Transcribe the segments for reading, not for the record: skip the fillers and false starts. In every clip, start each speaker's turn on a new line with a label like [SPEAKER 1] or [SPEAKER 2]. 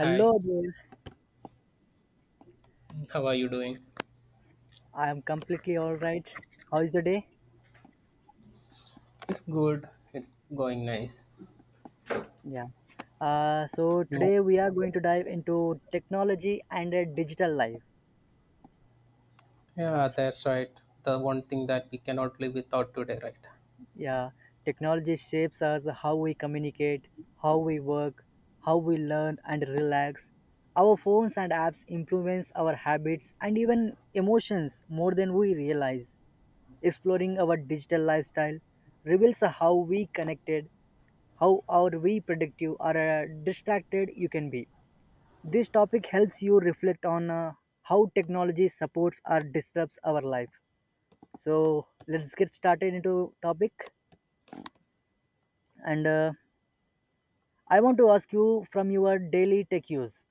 [SPEAKER 1] Hi,
[SPEAKER 2] there.
[SPEAKER 1] how are you doing?
[SPEAKER 2] I am completely all right. How is your day?
[SPEAKER 1] It's good. It's going nice.
[SPEAKER 2] Yeah. So
[SPEAKER 1] Mm.
[SPEAKER 2] today we are going to dive into technology and a digital life.
[SPEAKER 1] Yeah, that's right. The one thing that we cannot live without today, right?
[SPEAKER 2] Yeah. Technology shapes us how we communicate, how we work, how we learn and relax. Our phones and apps influence our habits and even emotions more than we realize. Exploring our digital lifestyle reveals how we connected, how are we productive or distracted you can be. This topic helps you reflect on how technology supports or disrupts our life. So let's get started into topic. And I want to ask you, from your daily tech use,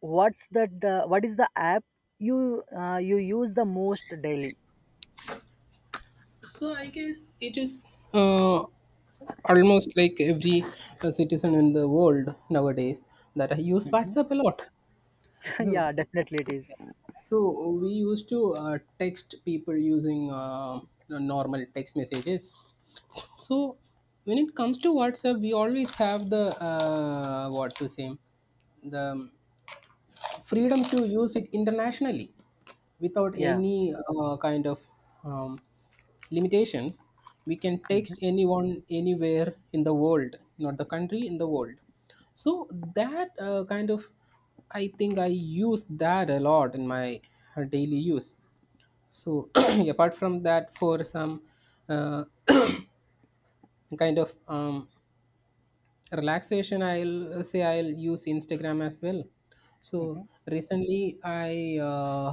[SPEAKER 2] what's that? What is the app you you use the most daily?
[SPEAKER 1] So I guess it is uh, almost like every citizen in the world nowadays that I use WhatsApp a lot. So,
[SPEAKER 2] Yeah, definitely it is.
[SPEAKER 1] so we used to text people using the normal text messages. So when it comes to WhatsApp, we always have the what to say the freedom to use it internationally without
[SPEAKER 2] Yeah.
[SPEAKER 1] any kind of um, limitations. We can text
[SPEAKER 2] Mhm,
[SPEAKER 1] anyone anywhere in the world, not the country in the world. So that kind of, I think I use that a lot in my daily use. So apart from that, for some uh, kind of relaxation, I'll say I'll use Instagram as well. So
[SPEAKER 2] mhm.
[SPEAKER 1] recently I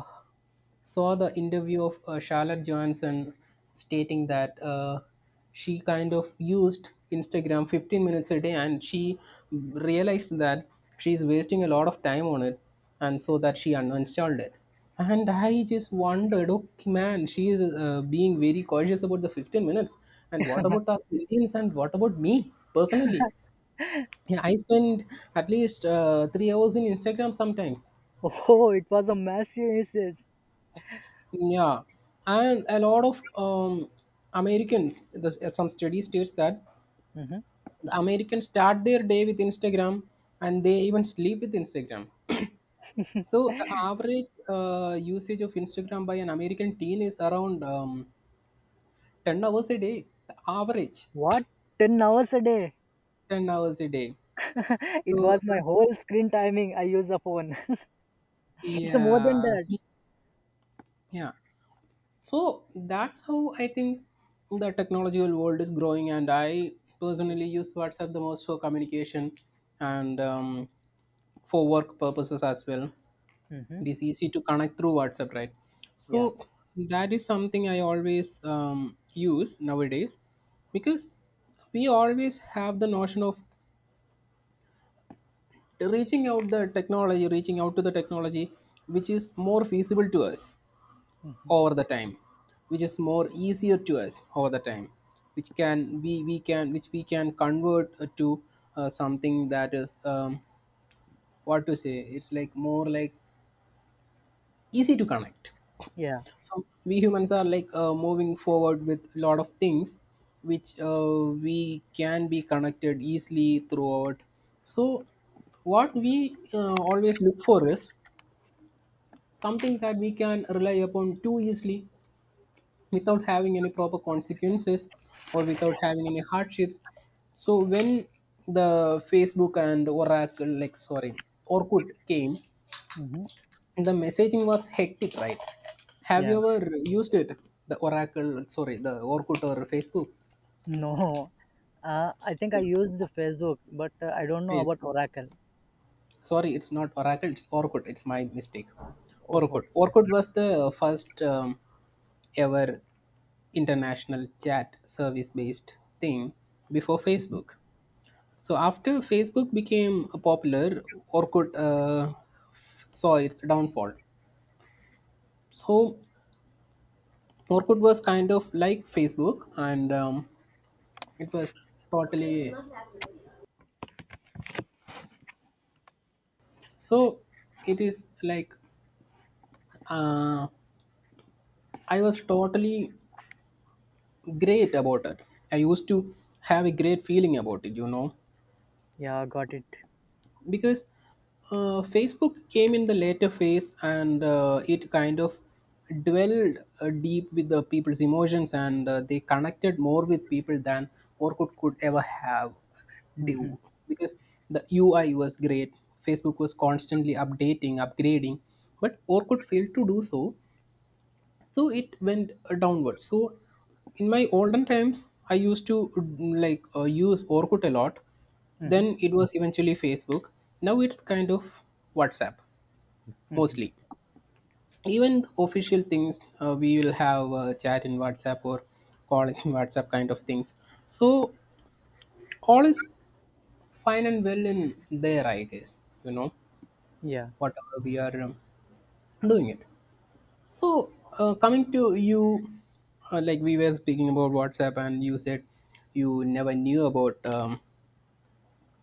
[SPEAKER 1] saw the interview of Charlotte Johnson stating that she kind of used Instagram 15 minutes a day, and she realized that she's wasting a lot of time on it, and so that she uninstalled it. And I just wondered, okay, man, she is being very cautious about the 15 minutes, and what about us Indians, and what about me personally? Yeah, I spend at least 3 hours in Instagram sometimes.
[SPEAKER 2] Oh, it was a massive usage.
[SPEAKER 1] Yeah, and a lot of Americans. This, some study states that
[SPEAKER 2] Mhm.
[SPEAKER 1] Americans start their day with Instagram, and they even sleep with Instagram. So the average usage of Instagram by an American teen is around 10 hours a day. The average
[SPEAKER 2] What? 10 hours a day?
[SPEAKER 1] 10 hours a day.
[SPEAKER 2] It
[SPEAKER 1] So
[SPEAKER 2] was my whole screen timing. I use a phone. It's more than
[SPEAKER 1] yeah,
[SPEAKER 2] that.
[SPEAKER 1] so- yeah. So that's how I think the technological world is growing, and I personally use WhatsApp the most for communication and for work purposes as well.
[SPEAKER 2] Hmm.
[SPEAKER 1] It is easy to connect through WhatsApp, right?
[SPEAKER 2] Yeah.
[SPEAKER 1] So that is something I always use nowadays, because we always have the notion of reaching out to the technology, which is more feasible to us over the time, which is more easier to us over the time, which can we can which we can convert to something that is what to say it's like, more like, easy to connect.
[SPEAKER 2] Yeah.
[SPEAKER 1] So we humans are like moving forward with a lot of things which we can be connected easily throughout. So what we always look for is something that we can rely upon too easily without having any proper consequences or without having any hardships. So when the Facebook and Oracle, like, sorry, Orkut came,
[SPEAKER 2] Hmm.
[SPEAKER 1] the messaging was hectic, right? Have
[SPEAKER 2] Yeah.
[SPEAKER 1] you ever used it, the Oracle, sorry, the Orkut or Facebook?
[SPEAKER 2] No. I think I
[SPEAKER 1] Yeah.
[SPEAKER 2] used the Facebook, but I don't know
[SPEAKER 1] Yes.
[SPEAKER 2] about Oracle.
[SPEAKER 1] Sorry, it's not Oracle, it's Orkut, it's my mistake.
[SPEAKER 2] Oh,
[SPEAKER 1] Orkut was the first ever international chat service based thing before Facebook. So after Facebook became popular, Orkut saw its downfall. So Orkut was kind of like Facebook, and it was totally. So it is like uh, I was totally great about it. I used to have a great feeling about it, you know.
[SPEAKER 2] yeah, got it.
[SPEAKER 1] Because Facebook came in the later phase, and it kind of dwelled deep with the people's emotions, and they connected more with people than Orkut could ever have
[SPEAKER 2] Hmm.
[SPEAKER 1] do, because the UI was great. Facebook was constantly updating, upgrading, but Orkut failed to do so, so it went downwards. So in my olden times, I used to like use Orkut a lot.
[SPEAKER 2] Hmm.
[SPEAKER 1] Then it was eventually Facebook. Now it's kind of WhatsApp,
[SPEAKER 2] Hmm.
[SPEAKER 1] mostly. Even official things, we will have chat in WhatsApp or call in WhatsApp kind of things. So all is fine and well in there, I guess, you know,
[SPEAKER 2] Yeah.
[SPEAKER 1] whatever we are doing it. So, coming to you, like we were speaking about WhatsApp, and you said you never knew about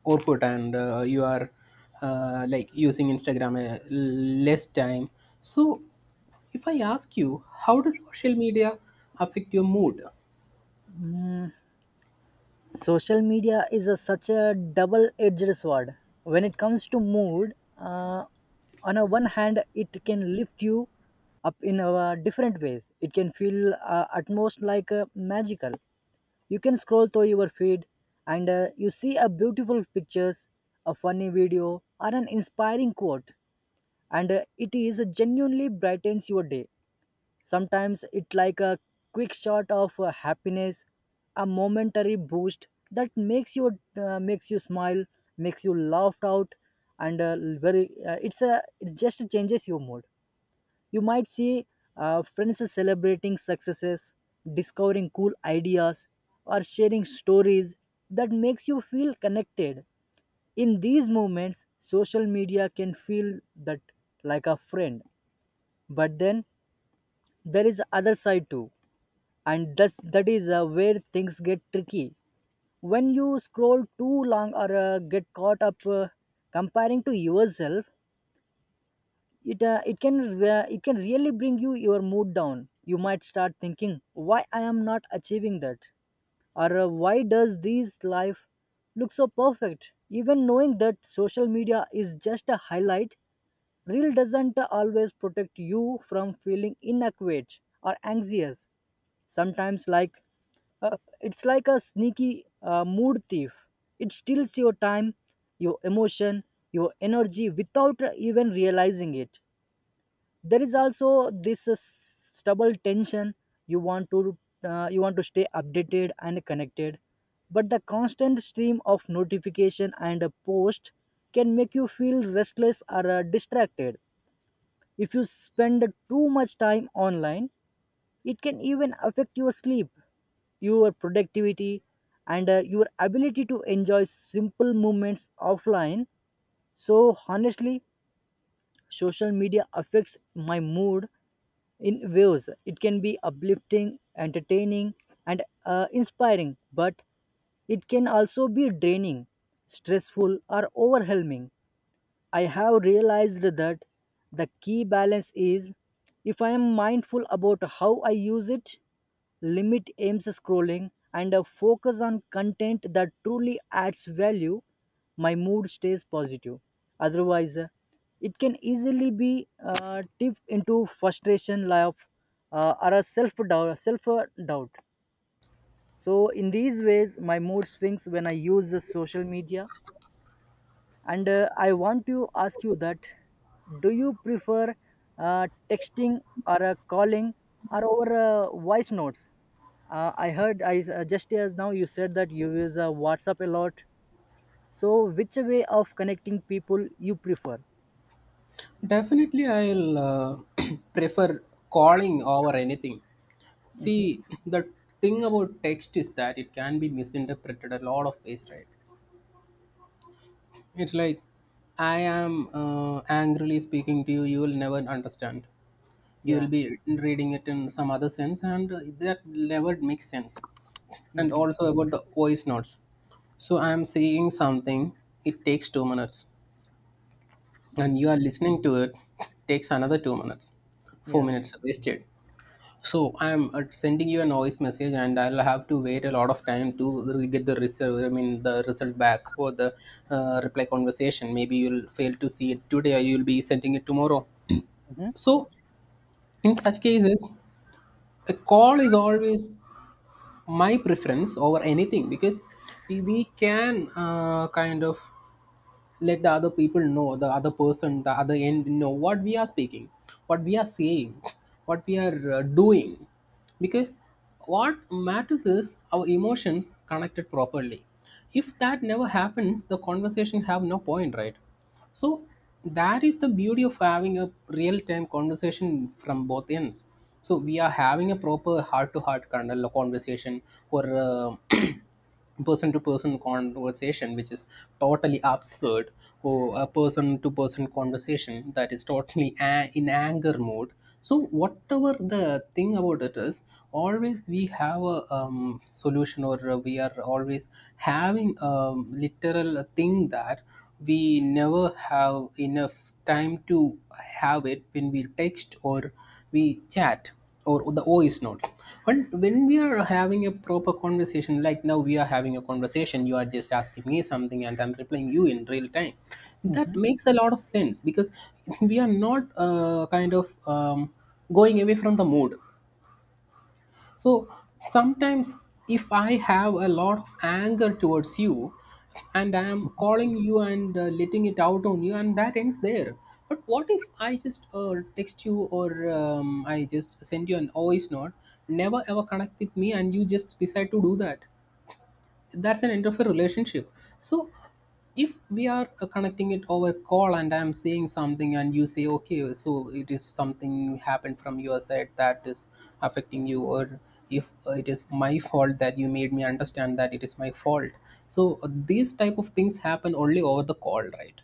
[SPEAKER 1] Orkut, and you are like using Instagram less time. So, if I ask you, how does social media affect your mood?
[SPEAKER 2] Mm. Social media is such a double-edged sword. When it comes to mood, on a one hand, it can lift you up in a different ways. It can feel at most like magical. You can scroll through your feed and you see a beautiful pictures, a funny video or an inspiring quote, and it is genuinely brightens your day. Sometimes it like a quick shot of happiness, a momentary boost that makes you smile, makes you laugh out, and very it's a it just changes your mood. You might see friends celebrating successes, discovering cool ideas, or sharing stories that makes you feel connected. In these moments, social media can feel that like a friend. But then there is other side too, and that is where things get tricky. When you scroll too long or get caught up comparing to yourself, it can really bring you your mood down. You might start thinking, why I am not achieving that, or why does this life look so perfect? Even knowing that social media is just a highlight reel doesn't always protect you from feeling inadequate or anxious. Sometimes it's like a sneaky mood thief. It steals your time, your emotion, your energy without even realizing it. There is also this stubble tension. You want to uh, you want to stay updated and connected, but the constant stream of notification and a post can make you feel restless or distracted. If you spend too much time online, it can even affect your sleep, your productivity, and your ability to enjoy simple moments offline. So honestly, social media affects my mood in waves. It can be uplifting, entertaining, and inspiring, but it can also be draining, stressful, or overwhelming. I have realized that the key balance is, if I am mindful about how I use it, limit aims scrolling, and focus on content that truly adds value, my mood stays positive. Otherwise, it can easily be tipped into frustration, love, or a self doubt. Self doubt. So, in these ways, my mood swings when I use the social media. And I want to ask you that, do you prefer texting or calling, or over voice notes? I heard, I just as now you said that you use WhatsApp a lot, so which way of connecting people you prefer?
[SPEAKER 1] Definitely, I'll prefer calling over anything.
[SPEAKER 2] Hmm.
[SPEAKER 1] See, the thing about text is that it can be misinterpreted a lot of ways, right? It's like I am angrily speaking to you. You will never understand. You will
[SPEAKER 2] Yeah.
[SPEAKER 1] be reading it in some other sense, and that never makes sense. And
[SPEAKER 2] Hmm.
[SPEAKER 1] also about the voice notes. So I am saying something. It takes 2 minutes,
[SPEAKER 2] Mm.
[SPEAKER 1] and you are listening to it. Takes another 2 minutes. Four
[SPEAKER 2] Yeah.
[SPEAKER 1] minutes wasted. So I'm sending you a noise message, and I'll have to wait a lot of time to get the result. I mean, the result back for the reply conversation. Maybe you'll fail to see it today, or you'll be sending it tomorrow.
[SPEAKER 2] Hmm.
[SPEAKER 1] So, in such cases, a call is always my preference over anything, because we can kind of let the other person, the other end, know what we are speaking, what we are saying, what we are doing. Because what matters is our emotions connected properly. If that never happens, the conversation have no point, right? So that is the beauty of having a real-time conversation from both ends. So we are having a proper heart-to-heart kind of conversation, or a person-to-person conversation, which is totally absurd, or a person-to-person conversation that is totally in anger mode. So whatever the thing about it is, always we have a solution, or we are always having a literal thing that we never have enough time to have it when we text or we chat or the voice note. When we are having a proper conversation, like now we are having a conversation, you are just asking me something and I'm replying you in real time. That
[SPEAKER 2] Hmm.
[SPEAKER 1] makes a lot of sense because we are not kind of going away from the mood. So sometimes, if I have a lot of anger towards you, and I am calling you and letting it out on you, and that ends there. But what if I just text you, or I just send you an voice note, never ever connect with me, and you just decide to do that? That's an end of a relationship. So if we are connecting it over call, and I'm saying something, and you say okay, so it is something happened from your side that is affecting you, or if it is my fault, that you made me understand that it is my fault. So these type of things happen only over the call, right?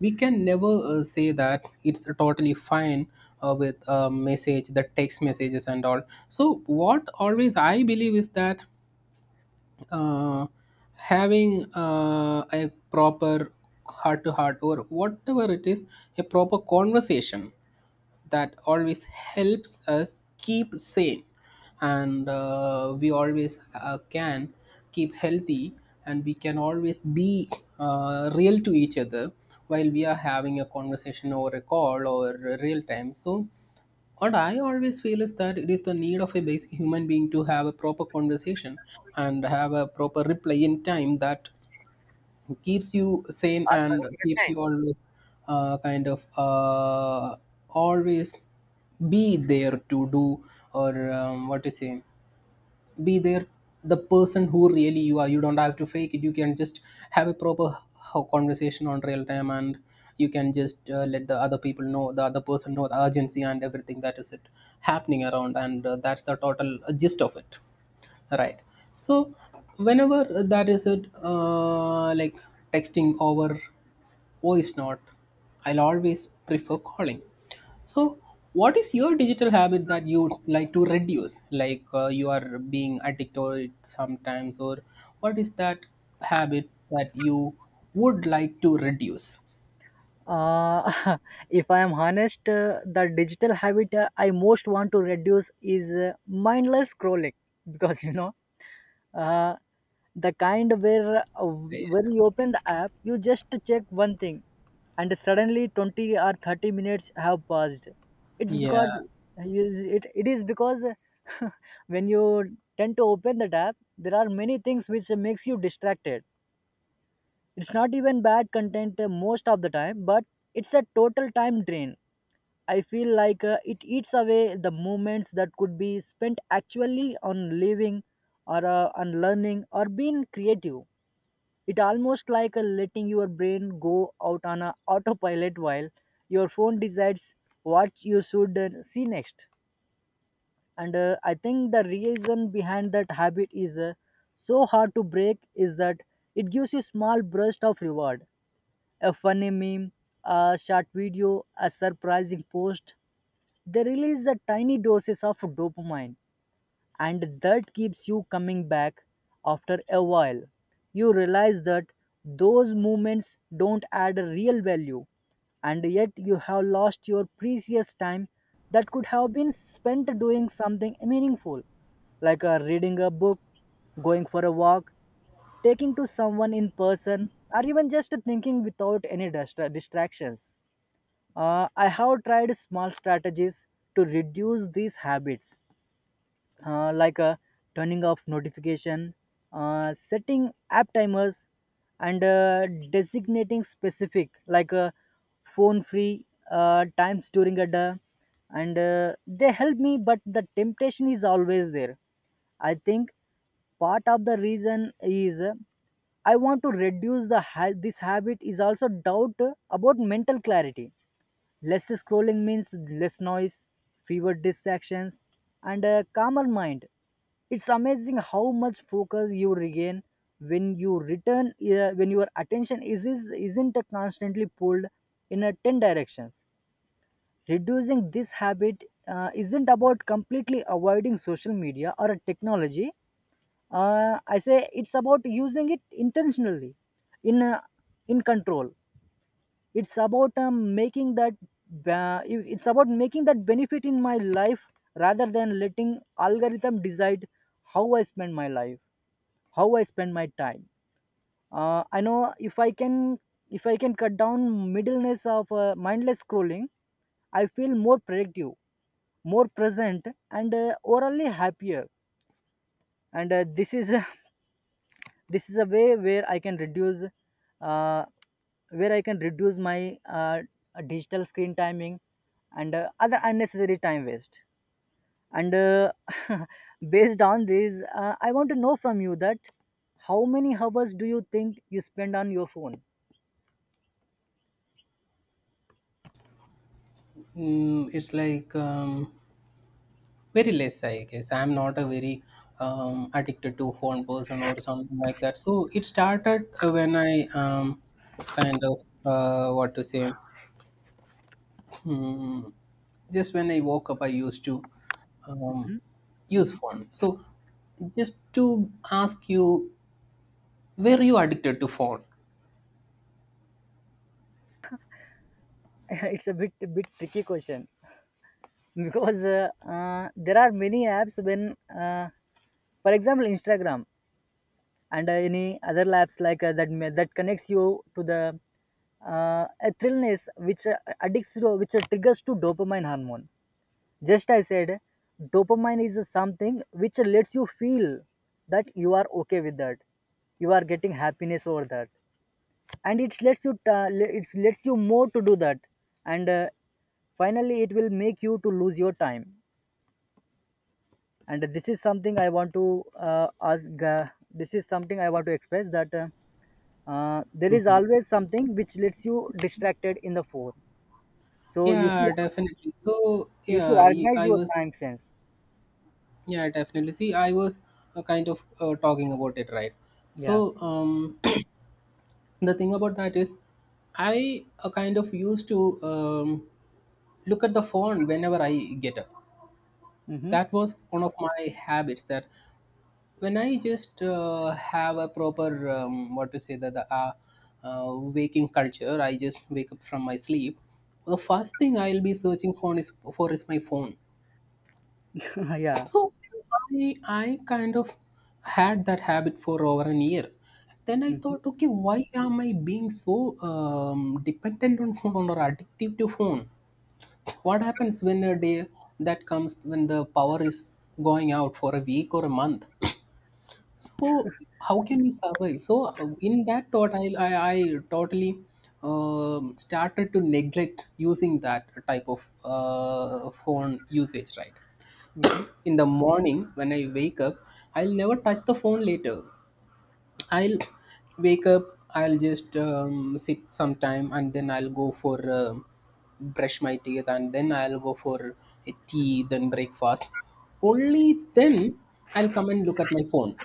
[SPEAKER 1] We can never say that it's totally fine with a message, the text messages and all. So what always I believe is that uh, having a proper heart to heart or whatever it is, a proper conversation, that always helps us keep sane, and we always can keep healthy, and we can always be real to each other while we are having a conversation over a call or a real time. So what I always feel is that it is the need of a basic human being to have a proper conversation and have a proper reply in time, that keeps you sane and keeps you always uh, kind of uh, always be there to do, or what to say be there, the person who really you are. You don't have to fake it. You can just have a proper conversation on real time, and you can just let the other person know the urgency and everything that is it happening around. And that's the total gist of it. Right. So whenever that is it, like texting over voice note, I'll always prefer calling. So what is your digital habit that you would like to reduce? Like you are being addicted to it sometimes, or what is that habit that you would like to reduce?
[SPEAKER 2] uh, if I am honest, the digital habit I most want to reduce is mindless scrolling, because uh, the kind where, when you open the app, you just check one thing and suddenly 20 or 30 minutes have passed. it's because
[SPEAKER 1] Yeah.
[SPEAKER 2] you it is because when you tend to open the app, there are many things which makes you distracted. It's not even bad content, most of the time, but it's a total time drain. I feel like it eats away the moments that could be spent actually on living, or on learning, or being creative. It almost like letting your brain go out on a autopilot while your phone decides what you should see next. And I think the reason behind that habit is so hard to break is that it gives you small burst of reward: a funny meme, a short video, a surprising post. They release a tiny doses of dopamine, and that keeps you coming back. After a while, you realize that those moments don't add a real value, and yet you have lost your precious time that could have been spent doing something meaningful, like reading a book, going for a walk, taking to someone in person, or even just thinking without any distractions. I have tried small strategies to reduce these habits, like turning off notification, setting app timers, and designating specific phone-free times during a day. And they help me, but the temptation is always there. I think part of the reason is, I want to reduce this habit is also doubt about mental clarity. Less scrolling means less noise, fewer distractions, and a calmer mind. It's amazing how much focus you regain when you return, when your attention is isn't constantly pulled in a ten directions. Reducing this habit isn't about completely avoiding social media or technology. I say it's about using it intentionally, in uh, in control. It's about it's about making that benefit in my life, rather than letting algorithm decide how I spend my life, how I spend my time. I know, if I can, if I can cut down middleness of mindless scrolling, I feel more productive, more present, and overall happier. And this is this is a way uh, where I can reduce my digital screen timing, and other unnecessary time waste. And based on this, I want to know from you that, how many hours do you think you spend on your phone?
[SPEAKER 1] Mm, it's like very less, I guess. I'm not a very addicted to phone person or something like that, so it started when I kind of what to say hmm, just when I woke up I used to um, use phone. So just to ask you, were you addicted to phone?
[SPEAKER 2] It's a bit tricky question, because there are many apps when, uh, for example, Instagram and any other labs that that connects you to the a thrillness, which addicts to, which triggers to dopamine hormone. Just I said, dopamine is something which lets you feel that you are okay with that, you are getting happiness over that, and it lets you more to do that, and finally it will make you to lose your time. And this is something I want to ask this is something I want to express that, there is
[SPEAKER 1] hmm
[SPEAKER 2] always something which lets you distracted in the phone. So
[SPEAKER 1] yeah, definitely. So
[SPEAKER 2] you should
[SPEAKER 1] yeah,
[SPEAKER 2] organize
[SPEAKER 1] I
[SPEAKER 2] your
[SPEAKER 1] was.
[SPEAKER 2] time sense.
[SPEAKER 1] Yeah, definitely, see I was kind of talking about it, right? so
[SPEAKER 2] Yeah.
[SPEAKER 1] um the thing about that is, I kind of used to look at the phone whenever I get up.
[SPEAKER 2] Mm-hmm.
[SPEAKER 1] That was one of my habits, that when I just have a proper what to say that the waking culture, I just wake up from my sleep, the first thing I'll be searching for is my phone.
[SPEAKER 2] Yeah.
[SPEAKER 1] So I kind of had that habit for over an year. Then I
[SPEAKER 2] Mm-hmm.
[SPEAKER 1] thought, okay, why am I being so dependent on phone or addictive to phone? What happens when a day that comes when the power is going out for a week or a month? So how can we survive? So in that thought, I totally started to neglect using that type of phone usage, right?
[SPEAKER 2] Mm-hmm.
[SPEAKER 1] In the morning when I wake up, I'll never touch the phone later. I'll wake up, I'll just sit some time, and then I'll go for brush my teeth, and then I'll go for a tea, then breakfast. Only then I'll come and look at my phone.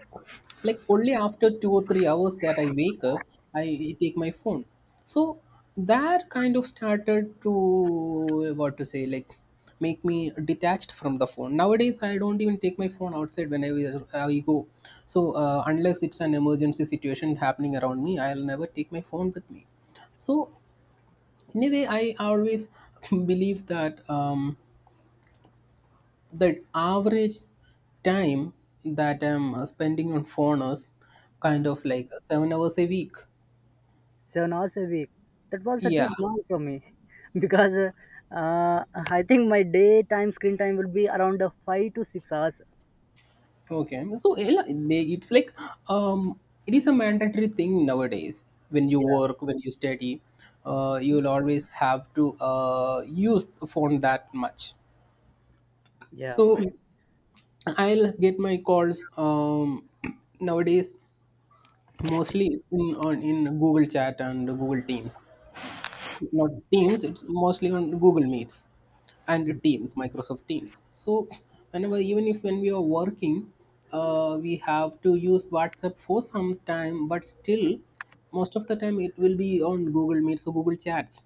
[SPEAKER 1] Like only after 2 or 3 hours that I wake up, I take my phone. So that kind of started to, what to say, like make me detached from the phone. Nowadays I don't even take my phone outside when I go. So unless it's an emergency situation happening around me, I'll never take my phone with me. So in a way I always believe that the average time that I'm spending on phone is
[SPEAKER 2] Mm.
[SPEAKER 1] kind of like 7 hours a week.
[SPEAKER 2] 7 hours a week? That was too
[SPEAKER 1] Yeah.
[SPEAKER 2] small for me, because uh, I think my daytime screen time will be around 5 to 6 hours.
[SPEAKER 1] Okay, so yeah, it's like um, it is a mandatory thing nowadays. When you
[SPEAKER 2] Yeah.
[SPEAKER 1] work, when you study, you'll always have to use the phone that much.
[SPEAKER 2] Yeah.
[SPEAKER 1] So I'll get my calls nowadays mostly in Google Chat and Google Teams. Not Teams, it's mostly on Google Meets and Teams, Microsoft Teams. So whenever, even if when we are working, we have to use WhatsApp for some time, but still, most of the time it will be on Google Meets or Google Chats.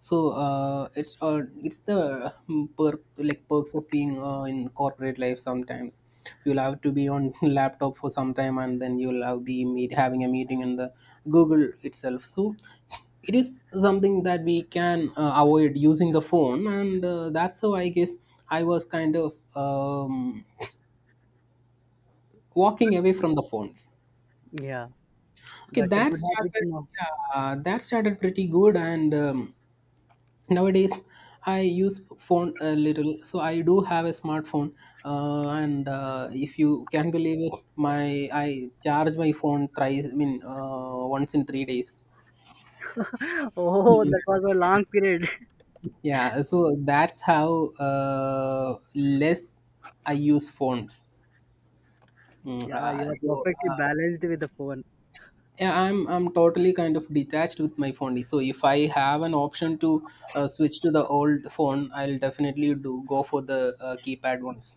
[SPEAKER 1] So it's the perks of being in corporate life. Sometimes you'll have to be on laptop for some time, and then you'll have be meet having a meeting in the Google itself. So it is something that we can avoid using the phone, and that's how I guess I was kind of walking away from the phones.
[SPEAKER 2] Yeah,
[SPEAKER 1] Okay,
[SPEAKER 2] that's a
[SPEAKER 1] that
[SPEAKER 2] good habit to
[SPEAKER 1] started.
[SPEAKER 2] know.
[SPEAKER 1] Yeah, that started pretty good, and nowadays I use phone a little, so I do have a smartphone, and if you can believe it, my I charge my phone thrice, I mean once in 3 days.
[SPEAKER 2] Oh, that was a long period.
[SPEAKER 1] Yeah, so that's how less I use phones. Mm,
[SPEAKER 2] Yeah, you
[SPEAKER 1] uh,
[SPEAKER 2] are
[SPEAKER 1] so,
[SPEAKER 2] perfectly
[SPEAKER 1] uh,
[SPEAKER 2] balanced with the phone.
[SPEAKER 1] yeah, I'm totally kind of detached with my phone. So if I have an option to switch to the old phone, I'll definitely do go for the keypad ones,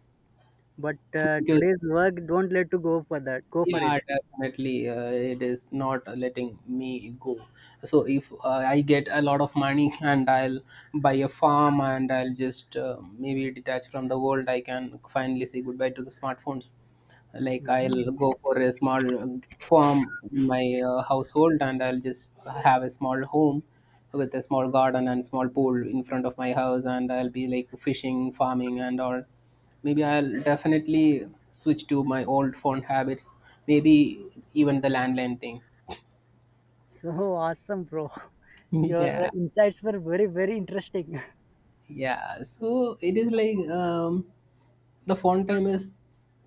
[SPEAKER 2] But
[SPEAKER 1] because
[SPEAKER 2] today's work don't let to go for that. Go for it.
[SPEAKER 1] yeah, definitely. It is not letting me go. So if I get a lot of money and I'll buy a farm, and I'll just maybe detach from the world, I can finally say goodbye to the smartphones. Like I'll go for a small farm in my household, and I'll just have a small home with a small garden and small pool in front of my house, and I'll be like fishing, farming and all. Maybe I'll definitely switch to my old phone habits, maybe even the landline thing.
[SPEAKER 2] So awesome, bro. Your
[SPEAKER 1] Yeah.
[SPEAKER 2] insights were very, very interesting.
[SPEAKER 1] Yeah, so it is like the font time is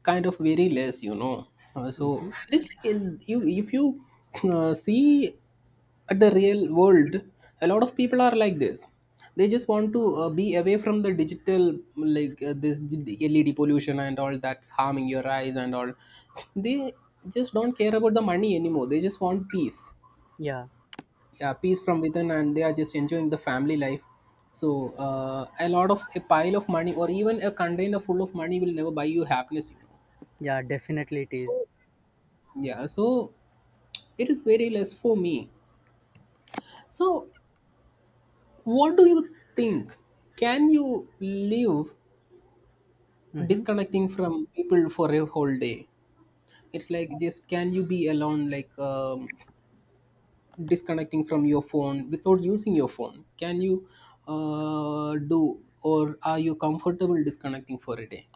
[SPEAKER 1] kind of very less, you know. So
[SPEAKER 2] Mhm.
[SPEAKER 1] it is like, you, if you see at the real world, a lot of people are like this. They just want to be away from the digital, like this led pollution and all that's harming your eyes and all. They just don't care about the money anymore, they just want peace.
[SPEAKER 2] Yeah,
[SPEAKER 1] Yeah, peace from within, and they are just enjoying the family life. So a lot of, a pile of money, or even a container full of money, will never buy you happiness, you know.
[SPEAKER 2] yeah, definitely it is.
[SPEAKER 1] So yeah, so it is very less for me. So what do you think, can you live
[SPEAKER 2] Mm-hmm.
[SPEAKER 1] disconnecting from people for a whole day? It's like, just can you be alone, like disconnecting from your phone, without using your phone, can you do, or are you comfortable disconnecting for a day?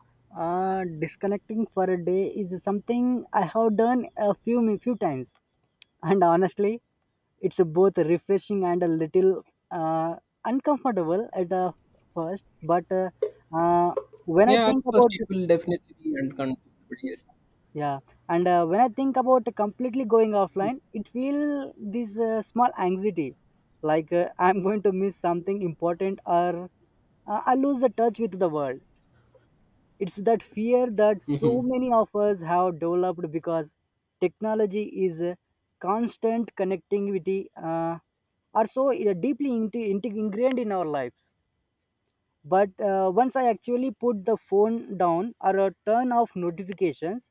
[SPEAKER 2] Disconnecting for a day is something I have done a few times, and honestly, it's both refreshing and a little uh, uncomfortable at the first. But uh, when I
[SPEAKER 1] Yeah, at
[SPEAKER 2] think
[SPEAKER 1] first
[SPEAKER 2] about —
[SPEAKER 1] it will definitely be uncomfortable, yes.
[SPEAKER 2] Yeah. And when I think about completely going offline, it feel this small anxiety, like I'm going to miss something important, or I lose the touch with the world. It's that fear that so
[SPEAKER 1] hmm
[SPEAKER 2] many of us have developed, because technology is a constant connectivity are so deeply ingrained in our lives. But once I actually put the phone down or turn off notifications,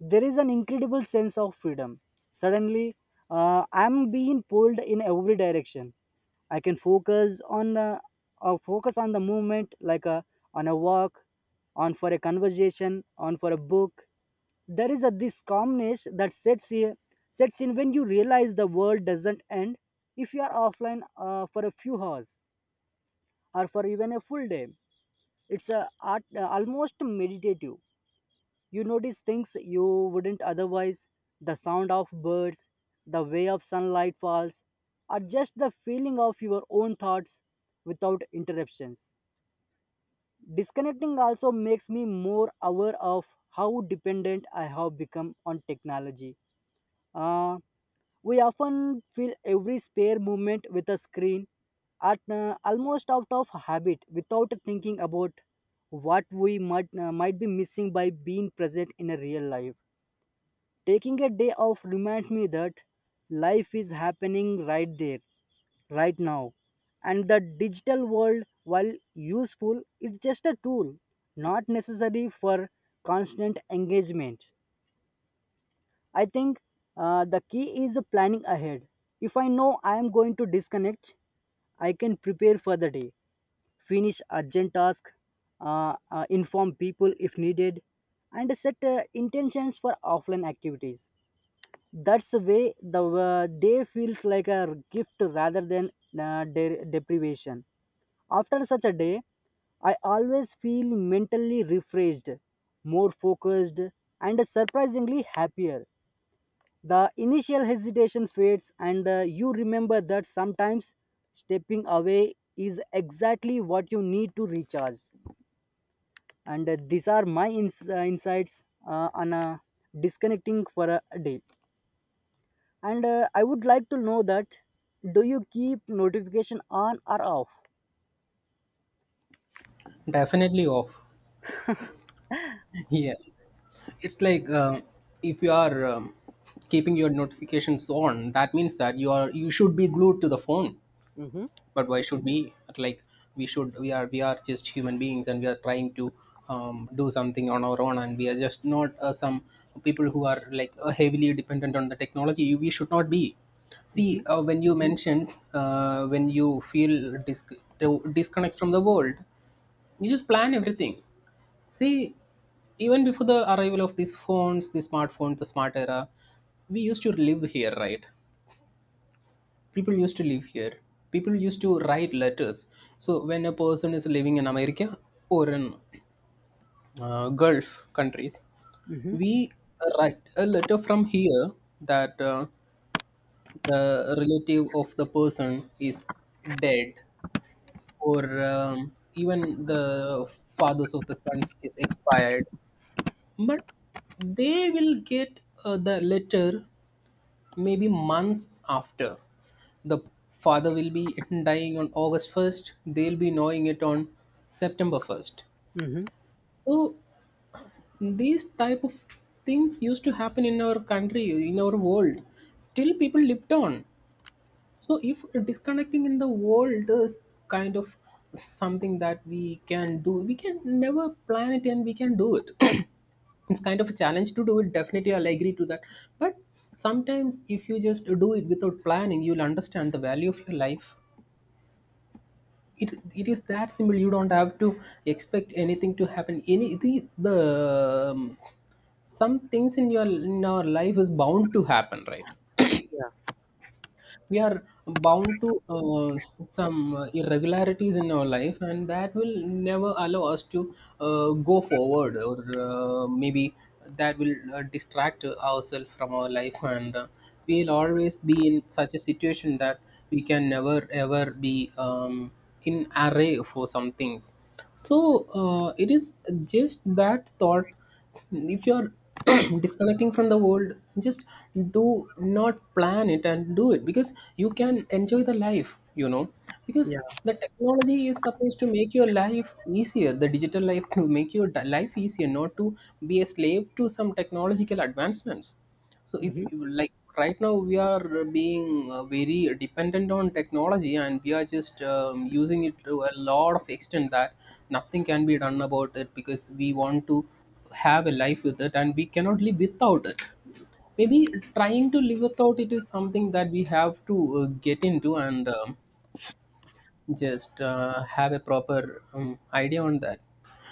[SPEAKER 2] there is an incredible sense of freedom. Suddenly, I'm being pulled in every direction. I can focus on focus on the movement, like on a walk, on for a conversation, on for a book. There is a this calmness that sets in when you realize the world doesn't end. If you are offline for a few hours, or for even a full day, it's a art, almost meditative. You notice things you wouldn't otherwise: the sound of birds, the way of sunlight falls, or just the feeling of your own thoughts without interruptions. Disconnecting also makes me more aware of how dependent I have become on technology. Uh, we often fill every spare moment with a screen, at almost out of habit, without thinking about what we might be missing by being present in a real life. Taking a day off reminds me that life is happening right there, right now. And the digital world, while useful, is just a tool, not necessary for constant engagement. I think the key is planning ahead. If I know I am going to disconnect, I can prepare for the day, finish urgent tasks, inform people if needed, and set intentions for offline activities. That's the way the day feels like a gift rather than deprivation. After such a day, I always feel mentally refreshed, more focused, and surprisingly happier. The initial hesitation fades, and you remember that sometimes stepping away is exactly what you need to recharge. And these are my insights on disconnecting for a day. And I would like to know that, do you keep notification on or off?
[SPEAKER 1] Definitely off. Yeah, it's like if you are keeping your notifications on, that means that you are you should be glued to the phone.
[SPEAKER 2] Mm-hmm.
[SPEAKER 1] But why should we? Like we are just human beings, and we are trying to do something on our own, and we are just not some people who are like heavily dependent on the technology. We should not be.
[SPEAKER 2] Mm-hmm.
[SPEAKER 1] See, when you feel to disconnect from the world, you just plan everything. See, even before the arrival of these phones, the smartphones, the smart era, we used to live here, right? People used to live here. People used to write letters. So when a person is living in America, or in Gulf countries,
[SPEAKER 2] Mm-hmm.
[SPEAKER 1] we write a letter from here that the relative of the person is dead, or even the fathers of the sons is expired, but they will get the letter maybe months after. The father will be dying on August 1st, they'll be knowing it on September 1st.
[SPEAKER 2] Mm-hmm.
[SPEAKER 1] So these type of things used to happen in our country, in our world. Still, people lived on. So if disconnecting in the world is kind of something that we can do, we can never plan it and we can do it. It's kind of a challenge to do it. Definitely, I'll agree to that. But sometimes, if you just do it without planning, you'll understand the value of your life. It is that simple. You don't have to expect anything to happen. The some things in your, in our life is bound to happen, right?
[SPEAKER 2] Yeah.
[SPEAKER 1] We are bound to some irregularities in our life, and that will never allow us to go forward, or maybe that will distract ourselves from our life, and we'll always be in such a situation that we can never ever be in array for some things. So it is just that thought, if you're disconnecting from the world, just do not plan it and do it, because you can enjoy the life, you know. Because
[SPEAKER 2] Yeah.
[SPEAKER 1] the technology is supposed to make your life easier, the digital life to make your life easier, not to be a slave to some technological advancements. So if
[SPEAKER 2] Mhm.
[SPEAKER 1] you like, right now we are being very dependent on technology, and we are just using it to a lot of extent, that nothing can be done about it, because we want to have a life with it, and we cannot live without it. Maybe trying to live without it is something that we have to get into, and just have a proper idea on that.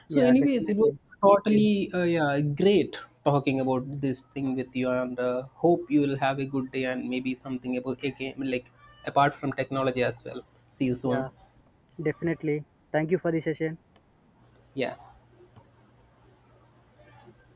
[SPEAKER 1] So,
[SPEAKER 2] Yeah,
[SPEAKER 1] anyways, it
[SPEAKER 2] definitely.
[SPEAKER 1] was totally yeah great talking about this thing with you, and hope you will have a good day, and maybe something about again, like apart from technology as well. See you soon.
[SPEAKER 2] Yeah, definitely. Thank you for the session.
[SPEAKER 1] Yeah.